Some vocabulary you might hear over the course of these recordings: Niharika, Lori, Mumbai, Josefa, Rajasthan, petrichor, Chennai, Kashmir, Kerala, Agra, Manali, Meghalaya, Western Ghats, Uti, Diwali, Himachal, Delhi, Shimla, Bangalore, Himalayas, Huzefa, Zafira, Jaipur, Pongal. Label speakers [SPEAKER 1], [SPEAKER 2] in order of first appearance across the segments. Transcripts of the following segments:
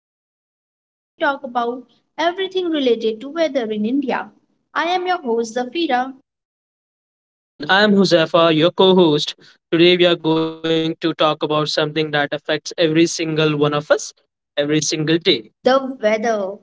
[SPEAKER 1] the podcast where we talk about everything related to weather in India. I am your host, Zafira.
[SPEAKER 2] And I'm Huzefa, your co host. Today, we are going to talk about something that affects every single one of us every single day.
[SPEAKER 1] The weather.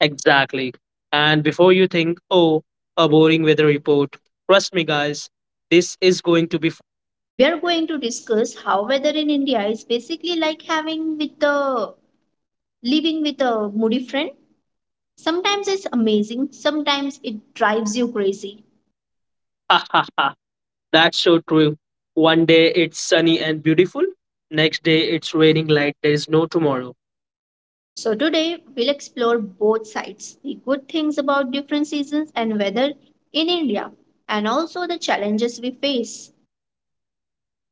[SPEAKER 2] Exactly. And before you think, oh, a boring weather report, trust me, guys, this is going to be.
[SPEAKER 1] We are going to discuss how weather in India is basically like having with the living with a moody friend. Sometimes it's amazing, sometimes it drives you crazy.
[SPEAKER 2] Ha ha ha. That's so true. One day it's sunny and beautiful, next day it's raining like there is no tomorrow.
[SPEAKER 1] So today we'll explore both sides, the good things about different seasons and weather in India, and also the challenges we face.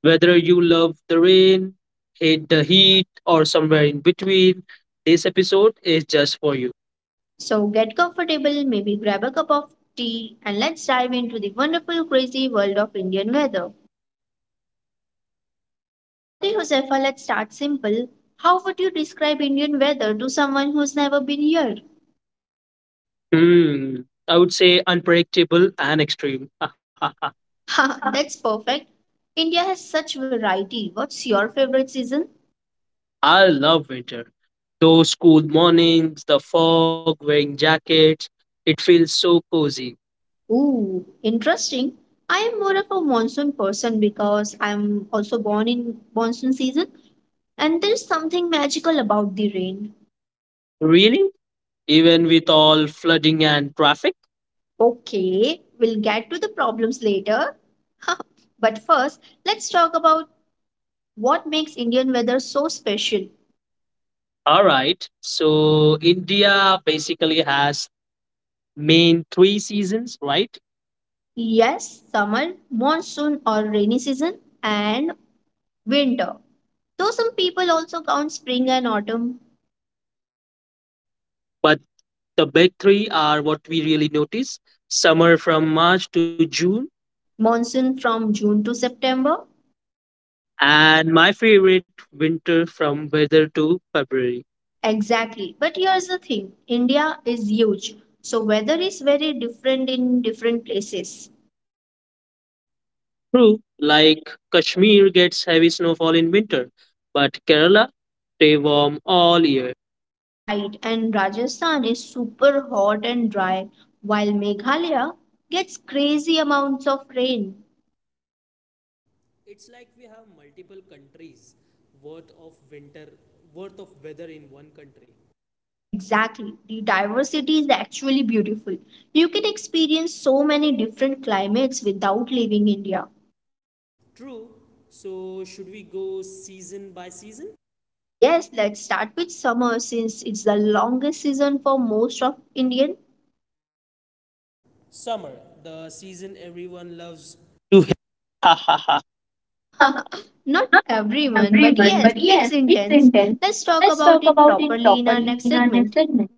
[SPEAKER 2] Whether you love the rain, hate the heat, or somewhere in between, this episode is just for you.
[SPEAKER 1] So get comfortable, maybe grab a cup of tea, and let's dive into the wonderful, crazy world of Indian weather. Okay, Josefa, let's start simple. How would you describe Indian weather to someone who's never been here?
[SPEAKER 2] Hmm. I would say unpredictable and extreme.
[SPEAKER 1] Ha, that's perfect. India has such variety. What's your favorite season?
[SPEAKER 2] I love winter. Those cool mornings, the fog, wearing jackets, it feels so cozy.
[SPEAKER 1] Ooh, interesting. I am more of a monsoon person because I'm also born in monsoon season, and there's something magical about the rain.
[SPEAKER 2] Really? Even with all flooding and traffic?
[SPEAKER 1] Okay, we'll get to the problems later. But first, let's talk about what makes Indian weather so special.
[SPEAKER 2] All right. So India basically has main three seasons, right?
[SPEAKER 1] Yes, summer, monsoon or rainy season, and winter. Though some people also count spring and autumn,
[SPEAKER 2] But the big three are what we really notice. Summer from March to June,
[SPEAKER 1] monsoon from June to September.
[SPEAKER 2] and my favorite winter from weather to February.
[SPEAKER 1] Exactly. But here's the thing, India is huge, so weather is very different in different places.
[SPEAKER 2] True, like Kashmir gets heavy snowfall in winter, but Kerala stay warm all year.
[SPEAKER 1] Right, and Rajasthan is super hot and dry, while Meghalaya gets crazy amounts of rain. Exactly. The diversity is actually beautiful. You can experience so many different climates without leaving India. Yes, let's start with summer since it's the longest season for most of Indian. Not
[SPEAKER 2] Not
[SPEAKER 1] everyone, but
[SPEAKER 2] everyone,
[SPEAKER 1] yes,
[SPEAKER 2] but
[SPEAKER 1] it's
[SPEAKER 2] yes, it's
[SPEAKER 1] intense.
[SPEAKER 2] intense.
[SPEAKER 1] Let's talk
[SPEAKER 2] Let's
[SPEAKER 1] about
[SPEAKER 2] talk
[SPEAKER 1] it
[SPEAKER 2] about it
[SPEAKER 1] properly in our
[SPEAKER 2] properly
[SPEAKER 1] next
[SPEAKER 2] in our next
[SPEAKER 1] segment.
[SPEAKER 2] segment.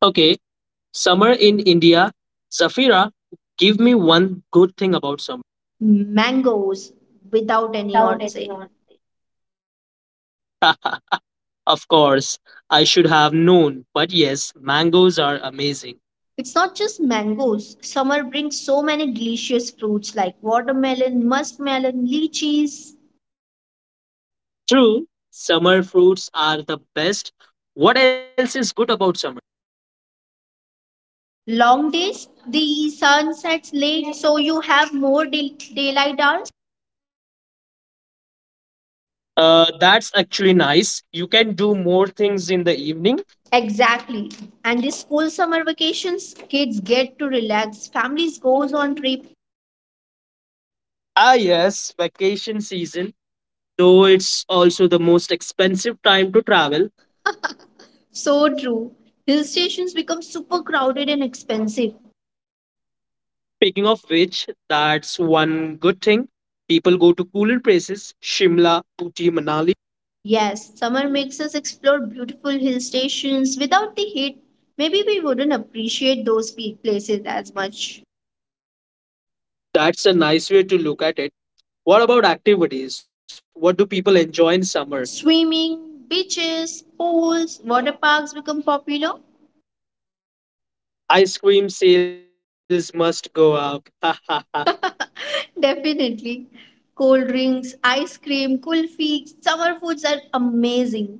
[SPEAKER 2] Okay, summer in India. Zafira, give me one good thing about summer.
[SPEAKER 1] Mangoes without any
[SPEAKER 2] Without
[SPEAKER 1] or
[SPEAKER 2] any
[SPEAKER 1] say.
[SPEAKER 2] honesty. Of course, I should have known, but yes, mangoes are amazing.
[SPEAKER 1] It's not just mangoes. Summer brings so many delicious fruits like watermelon, muskmelon, lychees.
[SPEAKER 2] True, summer fruits are the best. What else is good about summer?
[SPEAKER 1] Long days, the sun sets late, so you have more daylight hours.
[SPEAKER 2] That's actually nice. You can do more things in the evening.
[SPEAKER 1] Exactly. And the school summer vacations, kids get to relax, families goes on trip.
[SPEAKER 2] Ah, yes, vacation season, though it's also the most expensive time to travel.
[SPEAKER 1] So true. Hill stations become super crowded and expensive.
[SPEAKER 2] Speaking of which, that's one good thing. People go to cooler places, Shimla, Uti, Manali.
[SPEAKER 1] Yes, summer makes us explore beautiful hill stations. Without the heat, maybe we wouldn't appreciate those places as much.
[SPEAKER 2] That's a nice way to look at it. What about activities? What do people enjoy in summer?
[SPEAKER 1] Swimming, beaches, pools, water parks become popular.
[SPEAKER 2] Ice cream sales must go up.
[SPEAKER 1] Definitely. Cold drinks, ice cream, kulfi, summer foods are amazing.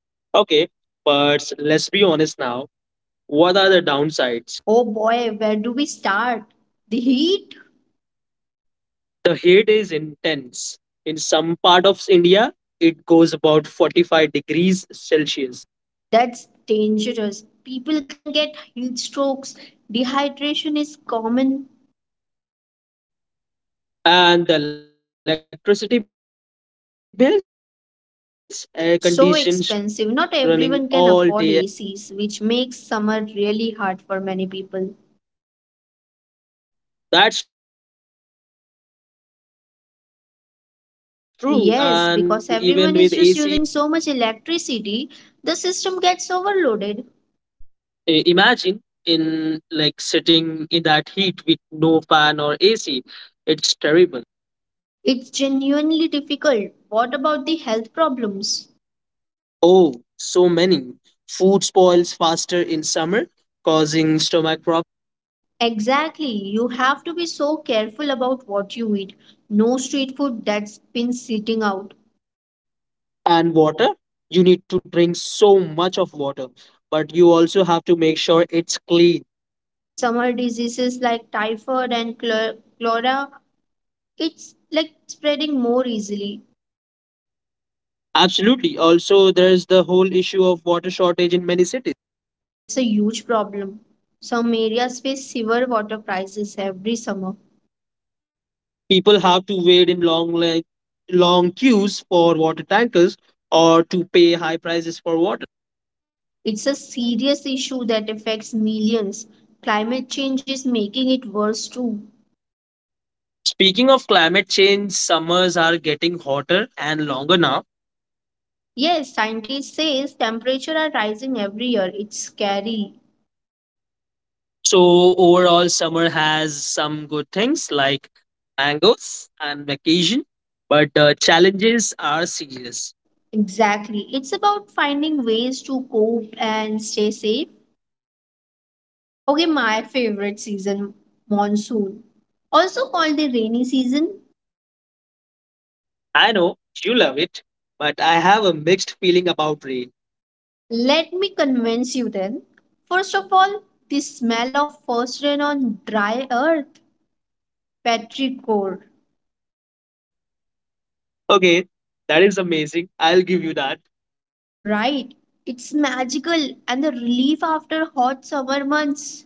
[SPEAKER 2] Okay, but let's be honest now. What are the downsides?
[SPEAKER 1] Oh boy, where do we start? The heat?
[SPEAKER 2] The heat is intense. In some part of India, it goes about 45 degrees Celsius.
[SPEAKER 1] That's dangerous. People can get heat strokes. Dehydration is common.
[SPEAKER 2] And the electricity bills, air conditions running all day.
[SPEAKER 1] So expensive. Not everyone can afford ACs, which makes summer really hard for many people.
[SPEAKER 2] That's true. And even with ACs, power cuts happens more in
[SPEAKER 1] Yes,
[SPEAKER 2] summer.
[SPEAKER 1] because everyone is just using so much electricity, the system gets overloaded.
[SPEAKER 2] Imagine in like sitting in that heat with no fan or AC. It's terrible.
[SPEAKER 1] It's genuinely difficult. What about the health problems?
[SPEAKER 2] Oh, so many. Food spoils faster in summer, causing stomach problems
[SPEAKER 1] Exactly, you have to be so careful about what you eat. No street food that's been sitting out.
[SPEAKER 2] and water. You need to drink so much of water, but you also have to make sure it's clean.
[SPEAKER 1] Summer diseases like typhoid and cholera, it's like spreading more easily.
[SPEAKER 2] Absolutely. Also, there's the whole issue of water shortage in many cities.
[SPEAKER 1] That's a huge problem. Some areas face severe water crises every summer.
[SPEAKER 2] People have to wait in long line, long queues for water tankers or to pay high prices for water.
[SPEAKER 1] It's a serious issue that affects millions. Climate change is making it worse too.
[SPEAKER 2] Speaking of climate change, summers are getting hotter and longer now.
[SPEAKER 1] Yes, scientists say temperatures are rising every year. It's scary.
[SPEAKER 2] So overall, summer has some good things like mangoes and vacation, but the challenges are serious.
[SPEAKER 1] Exactly. It's about finding ways to cope and stay safe. Okay, my favorite season, monsoon. Also called the rainy season.
[SPEAKER 2] I know you love it, but I have a mixed feeling about rain.
[SPEAKER 1] Let me convince you then. First of all, the smell of first rain on dry earth, petrichor,
[SPEAKER 2] Okay, that is amazing. I'll give you that.
[SPEAKER 1] right? It's magical, and the relief after hot summer months.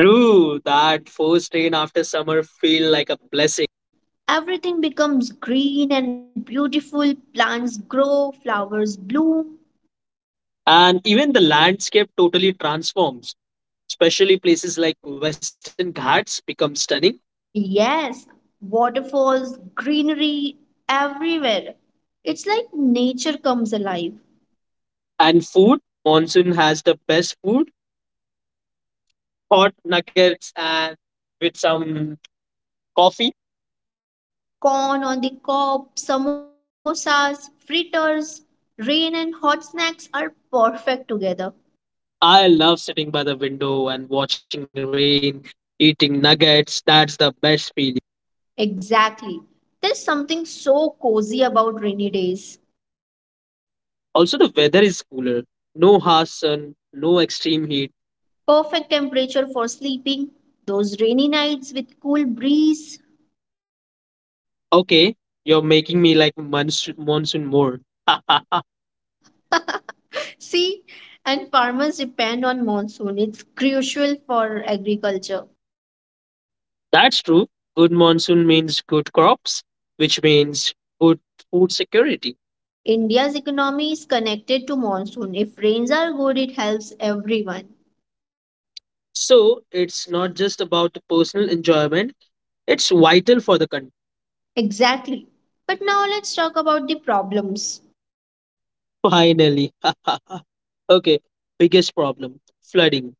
[SPEAKER 2] True, that first rain after summer feel like a blessing.
[SPEAKER 1] Everything becomes green and beautiful, plants grow, flowers bloom.
[SPEAKER 2] And even the landscape totally transforms, especially places like Western Ghats become stunning.
[SPEAKER 1] Yes, waterfalls, greenery, everywhere. It's like nature comes alive.
[SPEAKER 2] And food, monsoon has the best food, hot nuggets and with some coffee.
[SPEAKER 1] Corn on the cob, samosas, fritters, rain and hot snacks are perfect together.
[SPEAKER 2] I love sitting by the window and watching the rain, eating nuggets. That's the best feeling.
[SPEAKER 1] Exactly. There's something so cozy about rainy days.
[SPEAKER 2] Also, the weather is cooler. No harsh sun, no extreme heat.
[SPEAKER 1] Perfect temperature for sleeping, those rainy nights with cool breeze.
[SPEAKER 2] Okay, you're making me like monsoon more.
[SPEAKER 1] See, and farmers depend on monsoon. It's crucial for agriculture.
[SPEAKER 2] That's true. Good monsoon means good crops, which means good food security.
[SPEAKER 1] India's economy is connected to monsoon. If rains are good, it helps everyone.
[SPEAKER 2] So it's not just about the personal enjoyment, it's vital for the country.
[SPEAKER 1] Exactly. But now let's talk about the problems.
[SPEAKER 2] Finally. Okay, biggest problem flooding.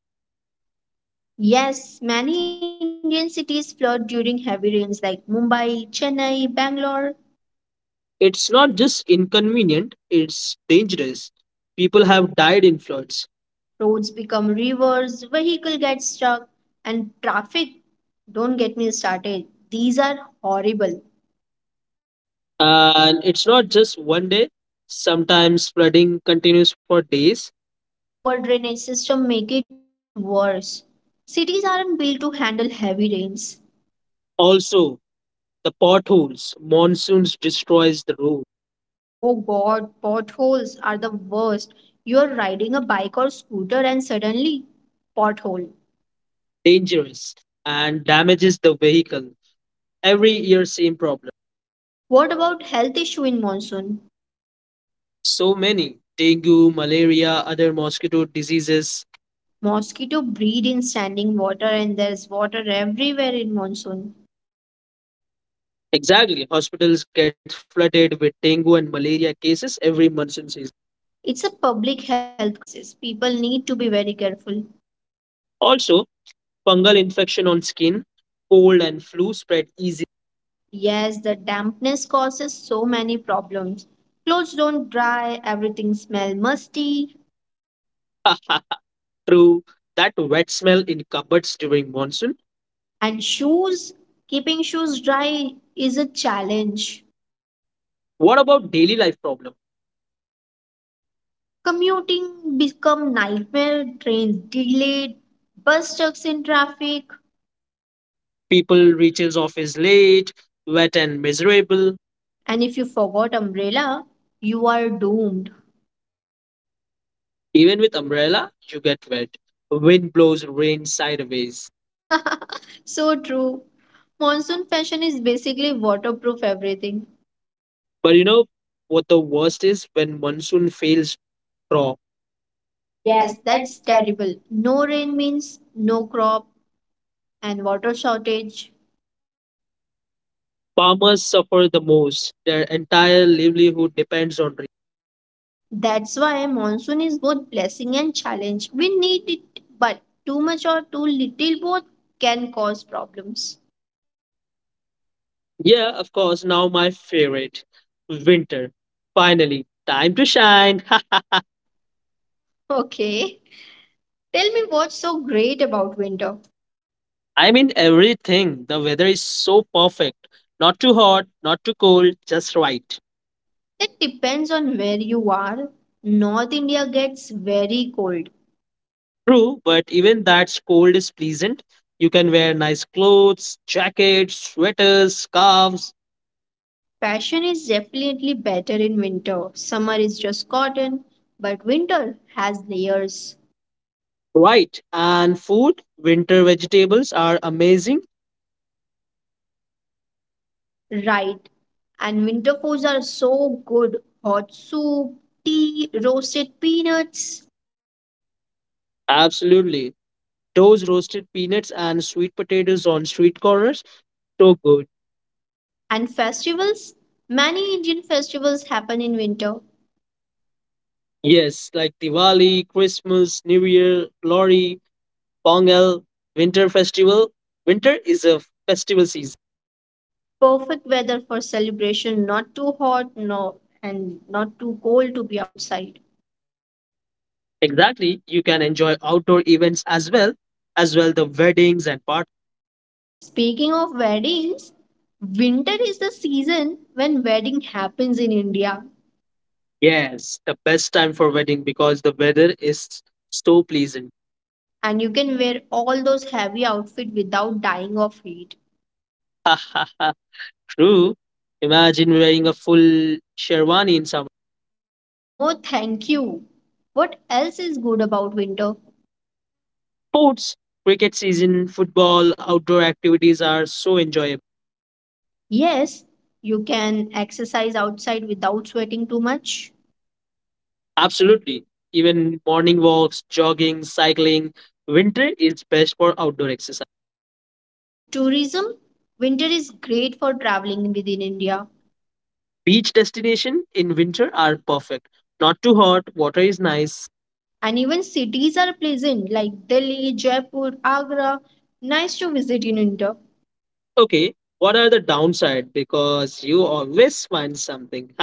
[SPEAKER 1] Yes, many Indian cities flood during heavy rains like Mumbai, Chennai, Bangalore.
[SPEAKER 2] It's not just inconvenient, it's dangerous. People have died in floods.
[SPEAKER 1] Roads become rivers, vehicle gets stuck, and traffic. Don't get me started. These are horrible.
[SPEAKER 2] And it's not just one day, sometimes flooding continues for days.
[SPEAKER 1] Poor drainage system make it worse. Cities aren't built to handle heavy rains.
[SPEAKER 2] Also, the potholes, monsoons destroys the road,
[SPEAKER 1] Oh God, potholes are the worst. You're riding a bike or scooter and suddenly pothole.
[SPEAKER 2] dangerous and damages the vehicle. Every year same problem.
[SPEAKER 1] What about health issue in monsoon?
[SPEAKER 2] So many dengue, malaria, other mosquito diseases.
[SPEAKER 1] Mosquito breed in standing water and there's water everywhere in monsoon.
[SPEAKER 2] Exactly, hospitals get flooded with dengue and malaria cases every monsoon season.
[SPEAKER 1] It's a public health crisis. People need to be very careful.
[SPEAKER 2] Also, fungal infection on skin, cold and flu spread easy.
[SPEAKER 1] Yes, the dampness causes so many problems. Clothes don't dry, everything smell musty,
[SPEAKER 2] True, that wet smell in cupboards during monsoon.
[SPEAKER 1] and shoes, keeping shoes dry is a challenge.
[SPEAKER 2] What about daily life problems?
[SPEAKER 1] Commuting become nightmare, trains delayed, bus stuck in traffic,
[SPEAKER 2] People reaches office late, wet and miserable.
[SPEAKER 1] and if you forgot umbrella, you are doomed.
[SPEAKER 2] Even with umbrella, you get wet. Wind blows rain sideways.
[SPEAKER 1] So true. Monsoon fashion is basically waterproof everything.
[SPEAKER 2] But you know what the worst is when monsoon fails crop.
[SPEAKER 1] Yes,
[SPEAKER 2] Yes,
[SPEAKER 1] that's
[SPEAKER 2] that's terrible.
[SPEAKER 1] terrible. No rain means no crop and water shortage.
[SPEAKER 2] Farmers suffer the most. Their entire livelihood depends on rain.
[SPEAKER 1] That's why monsoon is both blessing and challenge. We need it, but too much or too little both can cause problems.
[SPEAKER 2] Yeah, of course, now my favorite. Winter. Finally, time to shine.
[SPEAKER 1] Okay. Tell me what's so great about winter.
[SPEAKER 2] I mean everything. The weather is so perfect. Not too hot, not too cold, just right.
[SPEAKER 1] That depends on where you are. North India gets very cold.
[SPEAKER 2] True, but even that cold is pleasant. You can wear nice clothes, jackets, sweaters, scarves.
[SPEAKER 1] Fashion is definitely better in winter. Summer is just cotton, but winter has layers,
[SPEAKER 2] Right. And food, winter vegetables are amazing.
[SPEAKER 1] right? And winter foods are so good, hot soup, tea, roasted peanuts.
[SPEAKER 2] Absolutely. Those roasted peanuts and sweet potatoes on street corners, so good.
[SPEAKER 1] And festivals? Many Indian festivals happen in winter.
[SPEAKER 2] Yes, like Diwali, Christmas, New Year, Lori, Pongal, Winter Festival. Winter is a festival season.
[SPEAKER 1] Perfect weather for celebration, not too hot no, and not too cold to be outside.
[SPEAKER 2] Exactly. You can enjoy outdoor events as well the weddings and parties.
[SPEAKER 1] Speaking of weddings, winter is the season when wedding happens in India,
[SPEAKER 2] Yes, the best time for wedding because the weather is so pleasant.
[SPEAKER 1] and you can wear all those heavy outfits without dying of heat.
[SPEAKER 2] True. Imagine wearing a full sherwani in summer.
[SPEAKER 1] No, thank you. What else is good about winter?
[SPEAKER 2] Sports, cricket season, football, outdoor activities are so enjoyable.
[SPEAKER 1] Yes, you can exercise outside without sweating too much.
[SPEAKER 2] Absolutely. Even morning walks, jogging, cycling. Winter is best for outdoor exercise.
[SPEAKER 1] And tourism? Winter is great for traveling within India.
[SPEAKER 2] Beach destination in winter are perfect. Not too hot, water is nice.
[SPEAKER 1] And even cities are pleasant like Delhi, Jaipur, Agra. Nice to visit in winter.
[SPEAKER 2] Okay, what are the downside? Because you always find something.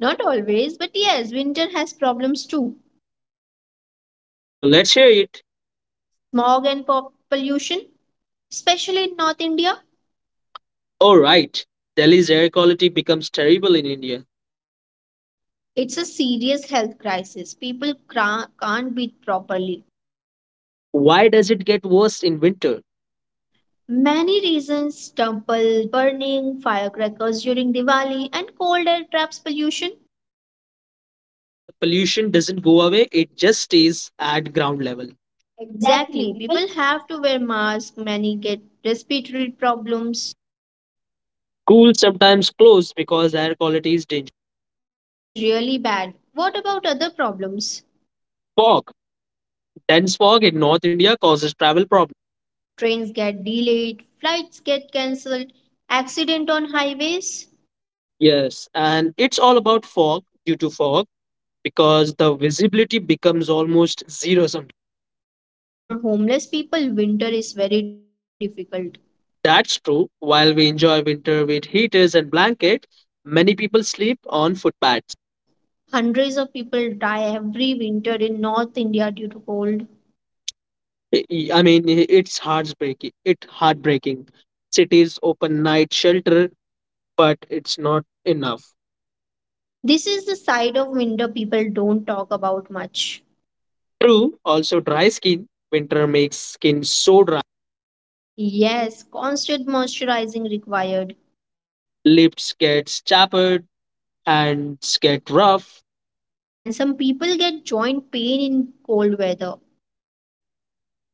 [SPEAKER 1] Not always, but yes, winter has problems too.
[SPEAKER 2] So let's hear it.
[SPEAKER 1] Smog and pop pollution, especially in North India.
[SPEAKER 2] All right. Delhi's air quality becomes terrible in India.
[SPEAKER 1] It's a serious health crisis. People can't breathe properly.
[SPEAKER 2] Why does it get worse in winter?
[SPEAKER 1] Many reasons, temple burning, firecrackers during Diwali, and cold air traps pollution.
[SPEAKER 2] So the pollution doesn't go away, it just stays at ground level. Exactly.
[SPEAKER 1] Exactly.
[SPEAKER 2] People.
[SPEAKER 1] People have to wear masks. Many get respiratory problems.
[SPEAKER 2] Schools sometimes close because air quality is dangerous.
[SPEAKER 1] It's really bad. What about other problems?
[SPEAKER 2] Fog. Dense fog in North India causes travel problems.
[SPEAKER 1] Trains get delayed, flights get cancelled, accident on highways.
[SPEAKER 2] Yes, and it's all about fog due to fog because the visibility becomes almost zero sometimes.
[SPEAKER 1] And for homeless people, winter is very difficult.
[SPEAKER 2] That's true. While we enjoy winter with heaters and blankets, many people sleep on footpaths.
[SPEAKER 1] Hundreds of people die every winter in North India due to cold.
[SPEAKER 2] I mean, it's heartbreaking. It heartbreaking. Cities open night shelter, but it's not enough.
[SPEAKER 1] This is the side of winter people don't talk about much.
[SPEAKER 2] True. Also, dry skin. Winter makes skin so dry.
[SPEAKER 1] Yes, constant moisturizing required.
[SPEAKER 2] Lips get chapped, hands get rough.
[SPEAKER 1] And some people get joint pain in cold weather.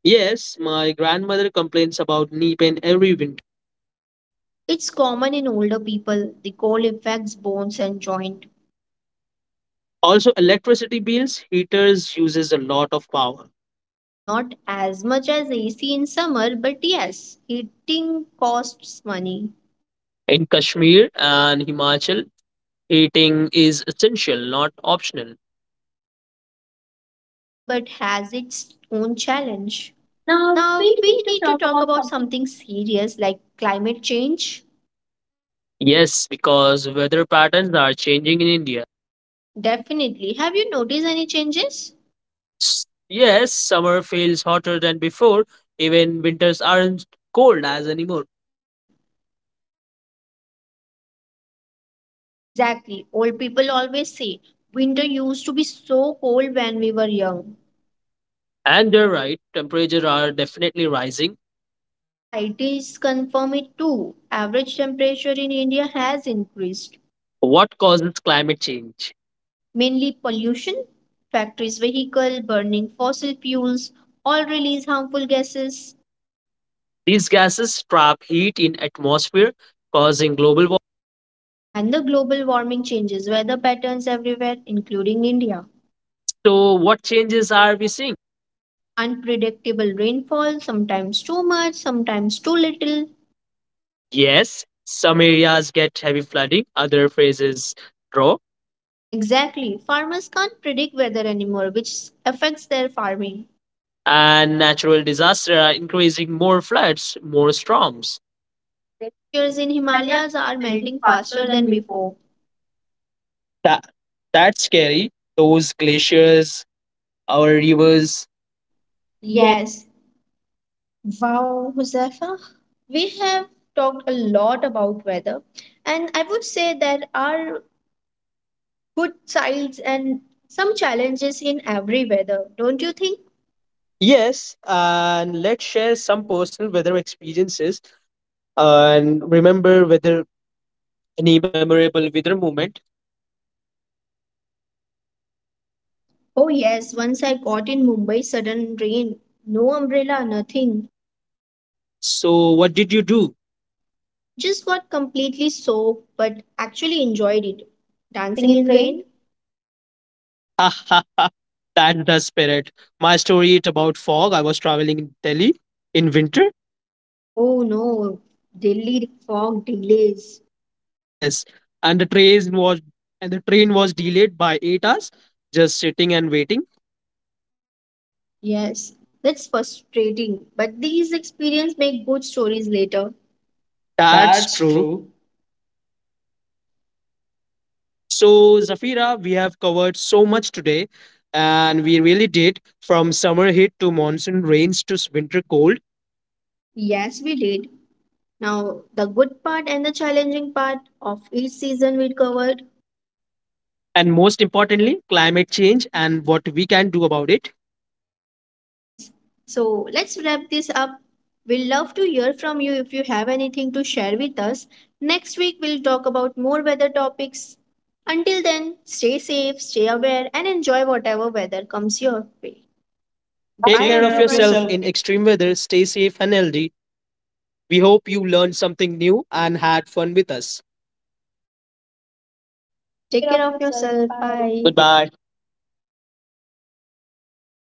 [SPEAKER 2] Yes, my grandmother complains about knee pain every winter.
[SPEAKER 1] It's common in older people. The cold affects bones and joint.
[SPEAKER 2] Also, electricity bills. Heaters uses a lot of power.
[SPEAKER 1] Not as much as AC in summer, but yes, heating costs money.
[SPEAKER 2] In Kashmir and Himachal, eating is essential, not optional.
[SPEAKER 1] So winter is lovely but has its own challenge.
[SPEAKER 2] Now
[SPEAKER 1] Now,
[SPEAKER 2] we
[SPEAKER 1] we
[SPEAKER 2] need
[SPEAKER 1] need
[SPEAKER 2] to
[SPEAKER 1] to
[SPEAKER 2] talk
[SPEAKER 1] talk
[SPEAKER 2] about
[SPEAKER 1] about
[SPEAKER 2] something.
[SPEAKER 1] something serious like climate change.
[SPEAKER 2] Yes, because weather patterns are changing in India.
[SPEAKER 1] Definitely. Have you noticed any changes?
[SPEAKER 2] Yes, summer feels hotter than before, even winters aren't cold as anymore.
[SPEAKER 1] Exactly. Old people always say winter used to be so cold when we were young.
[SPEAKER 2] And you're right, temperatures are definitely rising.
[SPEAKER 1] And scientists confirm it too. Average temperature in India has increased.
[SPEAKER 2] What causes climate change?
[SPEAKER 1] Mainly pollution, factories, vehicle, burning fossil fuels, all release harmful gases.
[SPEAKER 2] These gases trap heat in atmosphere, causing global warming.
[SPEAKER 1] And the global warming changes weather patterns everywhere, including India.
[SPEAKER 2] So what changes are we seeing?
[SPEAKER 1] Unpredictable rainfall, sometimes too much, sometimes too little.
[SPEAKER 2] Yes, some areas get heavy flooding, other phases draw,
[SPEAKER 1] Exactly, farmers can't predict weather anymore, which affects their farming.
[SPEAKER 2] and natural disasters are increasing more floods, more storms.
[SPEAKER 1] Glaciers in
[SPEAKER 2] Australia
[SPEAKER 1] Himalayas are
[SPEAKER 2] is melting
[SPEAKER 1] melting
[SPEAKER 2] faster
[SPEAKER 1] faster
[SPEAKER 2] than
[SPEAKER 1] than
[SPEAKER 2] before.
[SPEAKER 1] before.
[SPEAKER 2] That, that's scary. Those glaciers, our rivers. Yes.
[SPEAKER 1] Yes, wow, Josefa. We have talked a lot about weather, and I would say there are good sides and some challenges in every weather, don't you think?
[SPEAKER 2] Yes, and let's share some personal weather experiences and remember whether any memorable weather moment.
[SPEAKER 1] Oh, yes, once I got in Mumbai, sudden rain, no umbrella, nothing.
[SPEAKER 2] So, what did you do?
[SPEAKER 1] Just got completely soaked, but actually enjoyed it.
[SPEAKER 2] Dancing
[SPEAKER 1] Dancing
[SPEAKER 2] in
[SPEAKER 1] in
[SPEAKER 2] rain?
[SPEAKER 1] rain?
[SPEAKER 2] That's the spirit. My story is about fog. I was traveling in Delhi in winter.
[SPEAKER 1] Oh no, Delhi fog delays.
[SPEAKER 2] Yes, and the train was delayed by 8 hours. Just sitting and waiting.
[SPEAKER 1] Yes, that's frustrating, but these experiences make good stories later.
[SPEAKER 2] That's
[SPEAKER 1] That's
[SPEAKER 2] true.
[SPEAKER 1] true.
[SPEAKER 2] So Zafira, we have covered so much today, and we really did from summer heat to monsoon rains to winter cold.
[SPEAKER 1] Yes, we did. Now, the good part and the challenging part of each season we covered.
[SPEAKER 2] And most importantly, climate change and what we can do about it.
[SPEAKER 1] Yes. So let's wrap this up. We'd love to hear from you if you have anything to share with us. Next week, we'll talk about more weather topics. Until then, stay safe, stay aware, and enjoy whatever weather comes your way. Bye,
[SPEAKER 2] Take
[SPEAKER 1] take
[SPEAKER 2] care
[SPEAKER 1] care
[SPEAKER 2] of
[SPEAKER 1] of everyone.
[SPEAKER 2] yourself
[SPEAKER 1] Yourself.
[SPEAKER 2] in extreme weather, stay safe and healthy. We hope you learned something new and had fun with us. Take
[SPEAKER 1] Take
[SPEAKER 2] care of
[SPEAKER 1] care of
[SPEAKER 2] yourself.
[SPEAKER 1] yourself.
[SPEAKER 2] Bye.
[SPEAKER 1] Bye.
[SPEAKER 2] Goodbye.